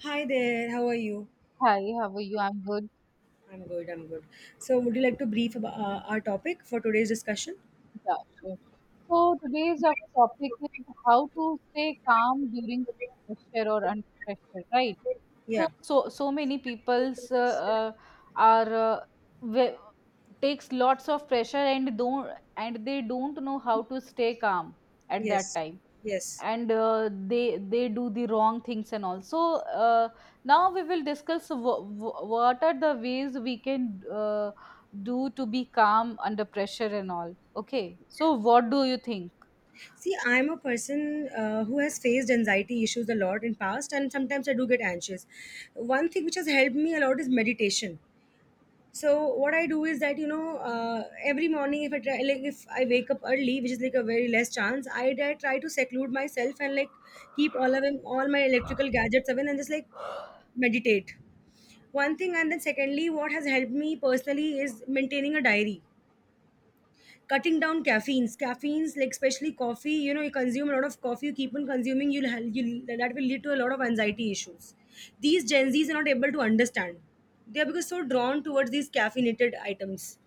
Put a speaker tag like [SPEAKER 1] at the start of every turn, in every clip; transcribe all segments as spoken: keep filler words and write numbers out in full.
[SPEAKER 1] Hi there, how are you?
[SPEAKER 2] Hi, how are you? I'm good.
[SPEAKER 1] I'm good, I'm good. So, would you like to brief about uh, our topic for today's discussion?
[SPEAKER 2] Yeah, sure. So today's our topic is how to stay calm during pressure or under pressure, right? So
[SPEAKER 1] Yeah,
[SPEAKER 2] so so many people's uh, uh, are uh, ve- takes lots of pressure and don't and they don't know how to stay calm at that
[SPEAKER 1] yes,
[SPEAKER 2] time,
[SPEAKER 1] yes.
[SPEAKER 2] and uh, they they do the wrong things, and also uh, now we will discuss w- w- what are the ways we can uh, do to be calm under pressure and all. Okay, so what do you think?
[SPEAKER 1] See, I'm a person uh, who has faced anxiety issues a lot in past, and sometimes I do get anxious. One thing which has helped me a lot is meditation. So, what I do is that you know, uh, every morning if I try, like if I wake up early, which is like a very less chance, I try try to seclude myself and like keep all of them, all my electrical gadgets away, and just like meditate one thing. And then secondly, what has helped me personally is maintaining a diary, cutting down caffeines caffeines like especially coffee. You know, you consume a lot of coffee, you keep on consuming, you'll, ha- you'll, that will lead to a lot of anxiety issues. These gen z's are not able to understand. They are because so drawn towards these caffeinated items.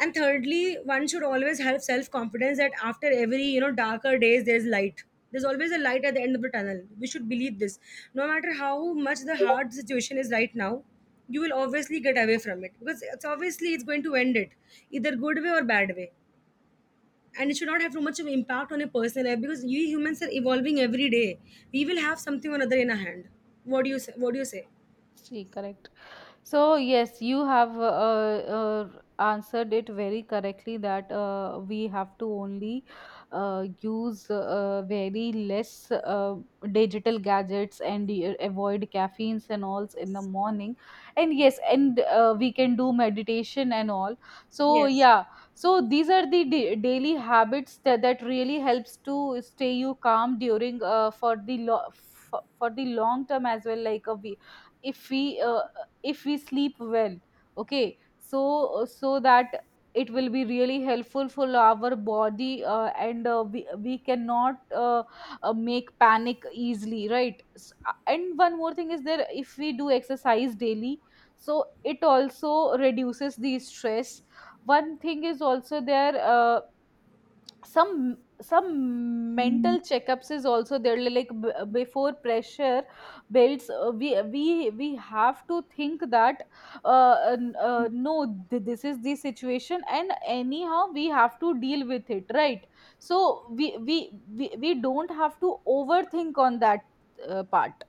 [SPEAKER 1] And thirdly, one should always have self confidence that after every, you know, darker days there's light. There's always a light at the end of the tunnel, we should believe this. No matter how much the hard situation is right now, you will obviously get away from it, because it's obviously it's going to end it, either good way or bad way. And it should not have too much of impact on your personal life, because we humans are evolving every day, we will have something or another in our hand. What do you say? What do you say
[SPEAKER 2] See, correct. So yes, you have uh, uh, answered it very correctly that uh, we have to only uh, use uh, very less uh, digital gadgets and uh, avoid caffeines and alls in the morning. And yes, and uh, we can do meditation and all. So
[SPEAKER 1] Yes,
[SPEAKER 2] yeah, so these are the da- daily habits that, that really helps to stay you calm during uh, for the lo- for, for the long term as well, like a we, if we uh, if we sleep well. Okay, so uh, so that it will be really helpful for our body, uh, and uh, we, we cannot uh, uh, make panic easily, right? S- uh, and one more thing is there, if we do exercise daily, so it also reduces the stress. One thing is also there, uh, some some mental checkups is also there, like b- before pressure builds uh, we we we have to think that uh, n- uh, no, th- this is the situation and anyhow we have to deal with it, right? So we we we, we don't have to overthink on that uh, part.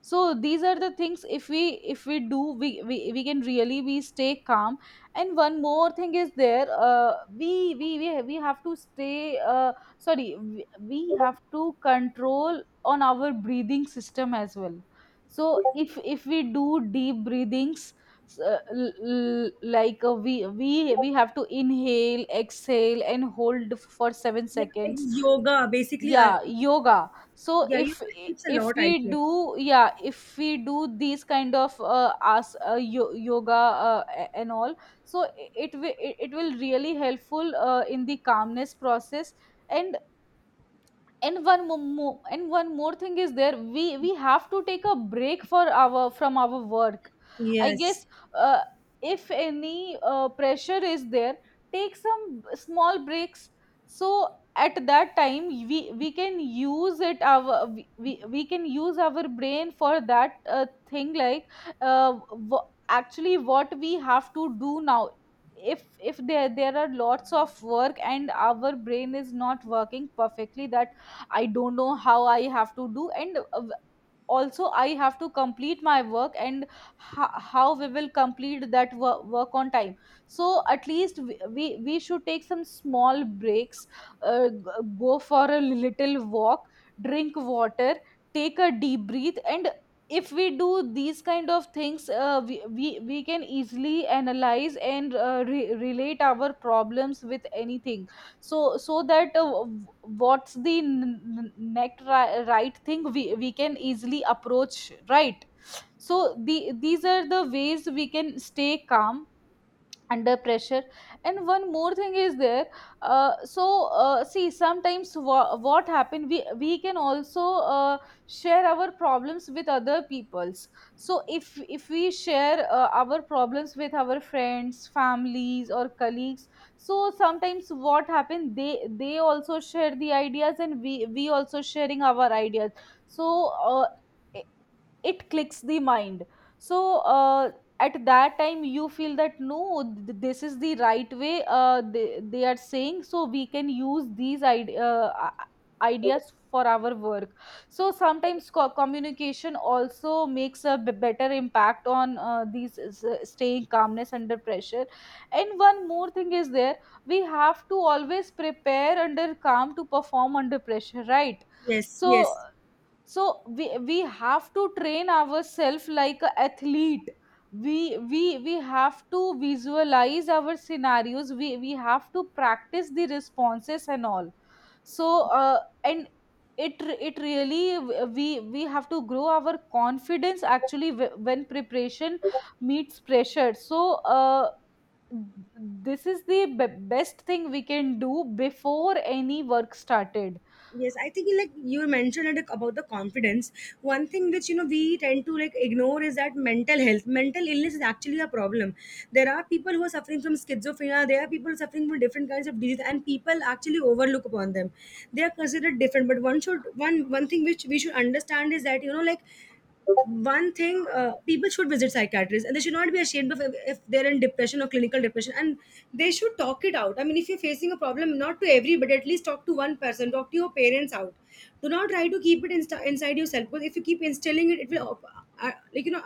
[SPEAKER 2] So these are the things, if we if we do, we we, we can really we stay calm. And one more thing is there, uh, we, we we we have to stay uh, sorry we, we have to control on our breathing system as well. So if if we do deep breathings, s- uh, l- l- like uh, we we we have to inhale, exhale and hold for seven
[SPEAKER 1] yeah, like
[SPEAKER 2] seconds.
[SPEAKER 1] yoga basically, uh,
[SPEAKER 2] Yeah, yoga. So
[SPEAKER 1] yeah,
[SPEAKER 2] if
[SPEAKER 1] yoga helps a
[SPEAKER 2] if
[SPEAKER 1] lot I
[SPEAKER 2] we
[SPEAKER 1] think.
[SPEAKER 2] do, yeah, if we do these kind of uh, as uh, yo- yoga uh, a- and all. So it will, it, it will really helpful uh, in the calmness process. And and one mo- mo- and one more thing is there, we we have to take a break for our from our work, I
[SPEAKER 1] Yes.
[SPEAKER 2] guess. uh, if any uh, pressure is there, take some b- small breaks. So at that time we we can use it our we, we we can use our brain for that uh, thing, like uh, w- actually what we have to do now. if if there there are lots of work and our brain is not working perfectly that I don't know how I have to do, and uh, also I have to complete my work, and ho- how we will complete that wo- work on time. So at least we, we, we should take some small breaks, uh, g- go for a little walk, drink water, take a deep breath. And if we do these kind of things, uh, we, we we can easily analyze and uh, re- relate our problems with anything, so so that uh, what's the n- n- next ri- right thing we, we can easily approach, right? So the, these are the ways we can stay calm under pressure. And one more thing is there, uh, so uh, see, sometimes wha- what happen, we we can also uh, share our problems with other peoples. So if if we share uh, our problems with our friends, families or colleagues, so sometimes what happen, they they also share the ideas and we we also sharing our ideas, so uh, it clicks the mind. So uh, at that time you feel that no, th- this is the right way uh, they, they are saying, so we can use these ide- uh, i- ideas for our work. So sometimes co- communication also makes a b- better impact on uh, these s- staying calmness under pressure. And one more thing is there, we have to always prepare under calm to perform under pressure, right?
[SPEAKER 1] Yes,
[SPEAKER 2] So
[SPEAKER 1] yes,
[SPEAKER 2] so we we have to train ourselves like an athlete. We we we have to visualize our scenarios, we we have to practice the responses and all. So uh, and it re- it really, we we have to grow our confidence, actually, wh- when preparation meets pressure. So uh, this is the be- best thing we can do before any work started.
[SPEAKER 1] yes. I think like you mentioned it about the confidence. One thing which, you know, we tend to like ignore is that mental health, mental illness is actually a problem. There are people who are suffering from schizophrenia. There are people suffering from different kinds of disease, and people actually overlook upon them. They are considered different. But one should one one thing which we should understand is that, you know, like one thing, uh, people should visit psychiatrists and they should not be ashamed of if, if they're in depression or clinical depression. And they should talk it out. I mean, if you're facing a problem, not to everybody, at least talk to one person, talk to your parents out. Do not try to keep it insta inside yourself, because if you keep instilling it, it will op- uh, like you know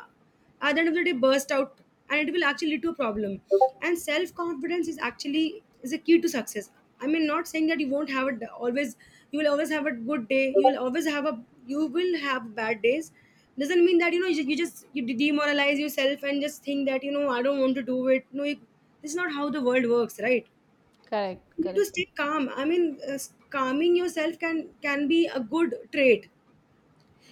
[SPEAKER 1] at the end of the day, burst out, and it will actually lead to a problem. And self-confidence is actually is a key to success. I mean, not saying that you won't have it always. You will always have a good day, you will always have a, you will have bad days. Doesn't mean that, you know, you, you just you de- demoralize yourself and just think that, you know, I don't want to do it. No you, this is not how the world works, right?
[SPEAKER 2] Correct,
[SPEAKER 1] You need to
[SPEAKER 2] correct.
[SPEAKER 1] stay calm. I mean, uh, calming yourself can can be a good trait,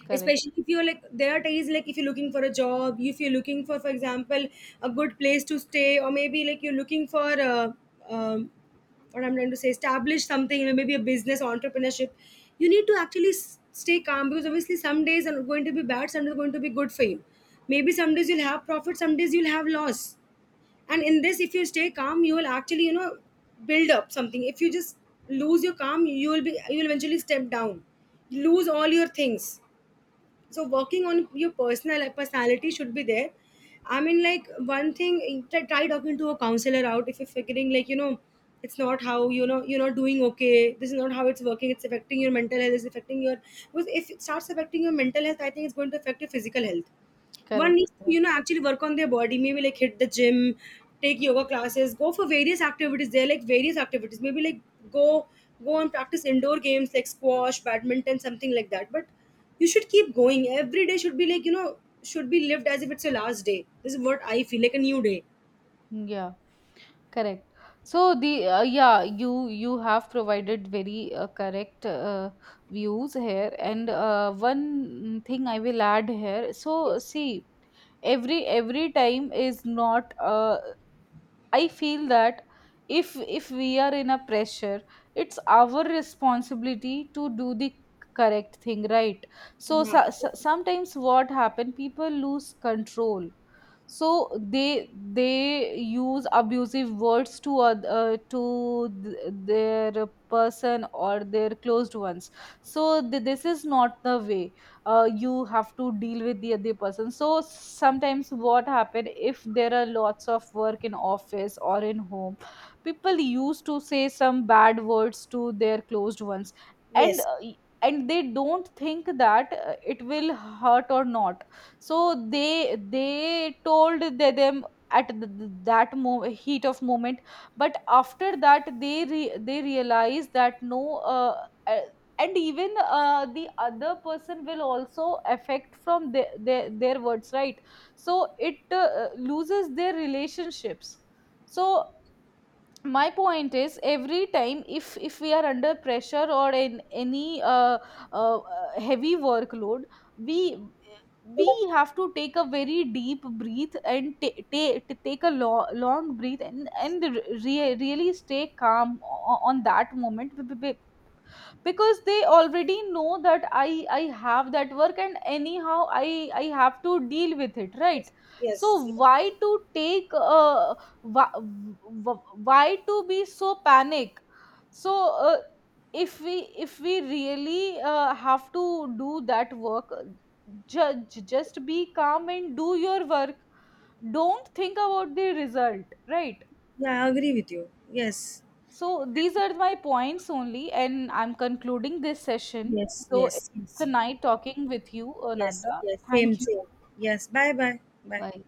[SPEAKER 2] Correct,
[SPEAKER 1] especially if you're like, there are days like if you're looking for a job, if you're looking for for example, a good place to stay, or maybe like you're looking for uh um, what I'm trying to say, establish something, you know, maybe a business, entrepreneurship. You need to actually s- stay calm, because obviously some days are going to be bad, some days are going to be good for you. Maybe some days you'll have profit, some days you'll have loss. And in this, if you stay calm, you will actually, you know, build up something. If you just lose your calm, you will be, you will eventually step down, lose all your things. So working on your personal, like, personality should be there. I mean, like one thing, try, try talking to a counselor out if you're figuring, like, you know, it's not how, you know, you're not doing okay, this is not how it's working, it's affecting your mental health, it's affecting your, because if it starts affecting your mental health, I think it's going to affect your physical health. One needs to, you know,
[SPEAKER 2] correct.
[SPEAKER 1] actually work on their body, maybe like hit the gym, take yoga classes, go for various activities. There are like various activities. Maybe like go go and practice indoor games like squash, badminton, something like that. But you should keep going. Every day should be like, you know, should be lived as if it's your last day. This is what I feel, like a new day.
[SPEAKER 2] Yeah, correct. So the, uh, yeah, you you have provided very uh, correct uh, views here, and uh, one thing I will add here. So
[SPEAKER 1] Yes.
[SPEAKER 2] see, every every time is not a, I feel that, if if we are in a pressure, it's our responsibility to do the correct thing, right? So,
[SPEAKER 1] Yeah.
[SPEAKER 2] so, so sometimes what happen, people lose control. So they they use abusive words to oth- uh, to th- their person or their closed ones. So th- this is not the way uh, you have to deal with the other person. So sometimes what happen, if there are lots of work in office or in home, people used to say some bad words to their closed ones, and
[SPEAKER 1] Yes.
[SPEAKER 2] uh, and they don't think that uh, it will hurt or not. So they they told the- them at th- th- that mo- heat of moment. But after that they re- they realize that no, uh, uh, and even uh, the other person will also affect from their, their, their words, right? So it uh, loses their relationships. So my point is, every time if if we are under pressure or in any uh, uh, uh, heavy workload, we we have to take a very deep breath, and ta- ta- ta- take a lo- long breath, and and re- really stay calm o- on that moment. Because they already know that i i have that work, and anyhow i i have to deal with it, right?
[SPEAKER 1] Yes.
[SPEAKER 2] So
[SPEAKER 1] Yes.
[SPEAKER 2] why
[SPEAKER 1] Yes.
[SPEAKER 2] to take uh, why, why to be so panic? So uh, if we if we really uh, have to do that work, ju- ju- just be calm and do your work, don't think about the result, right?
[SPEAKER 1] Yeah, I agree with you. Yes.
[SPEAKER 2] So these are my points only, and I'm concluding this session.
[SPEAKER 1] Yes.
[SPEAKER 2] So
[SPEAKER 1] Yes.
[SPEAKER 2] it's a
[SPEAKER 1] Yes.
[SPEAKER 2] night talking with you,
[SPEAKER 1] Yes.
[SPEAKER 2] Anada.
[SPEAKER 1] Yes. Same,
[SPEAKER 2] Thank you.
[SPEAKER 1] same. Yes. Bye bye. Bye.
[SPEAKER 2] Bye.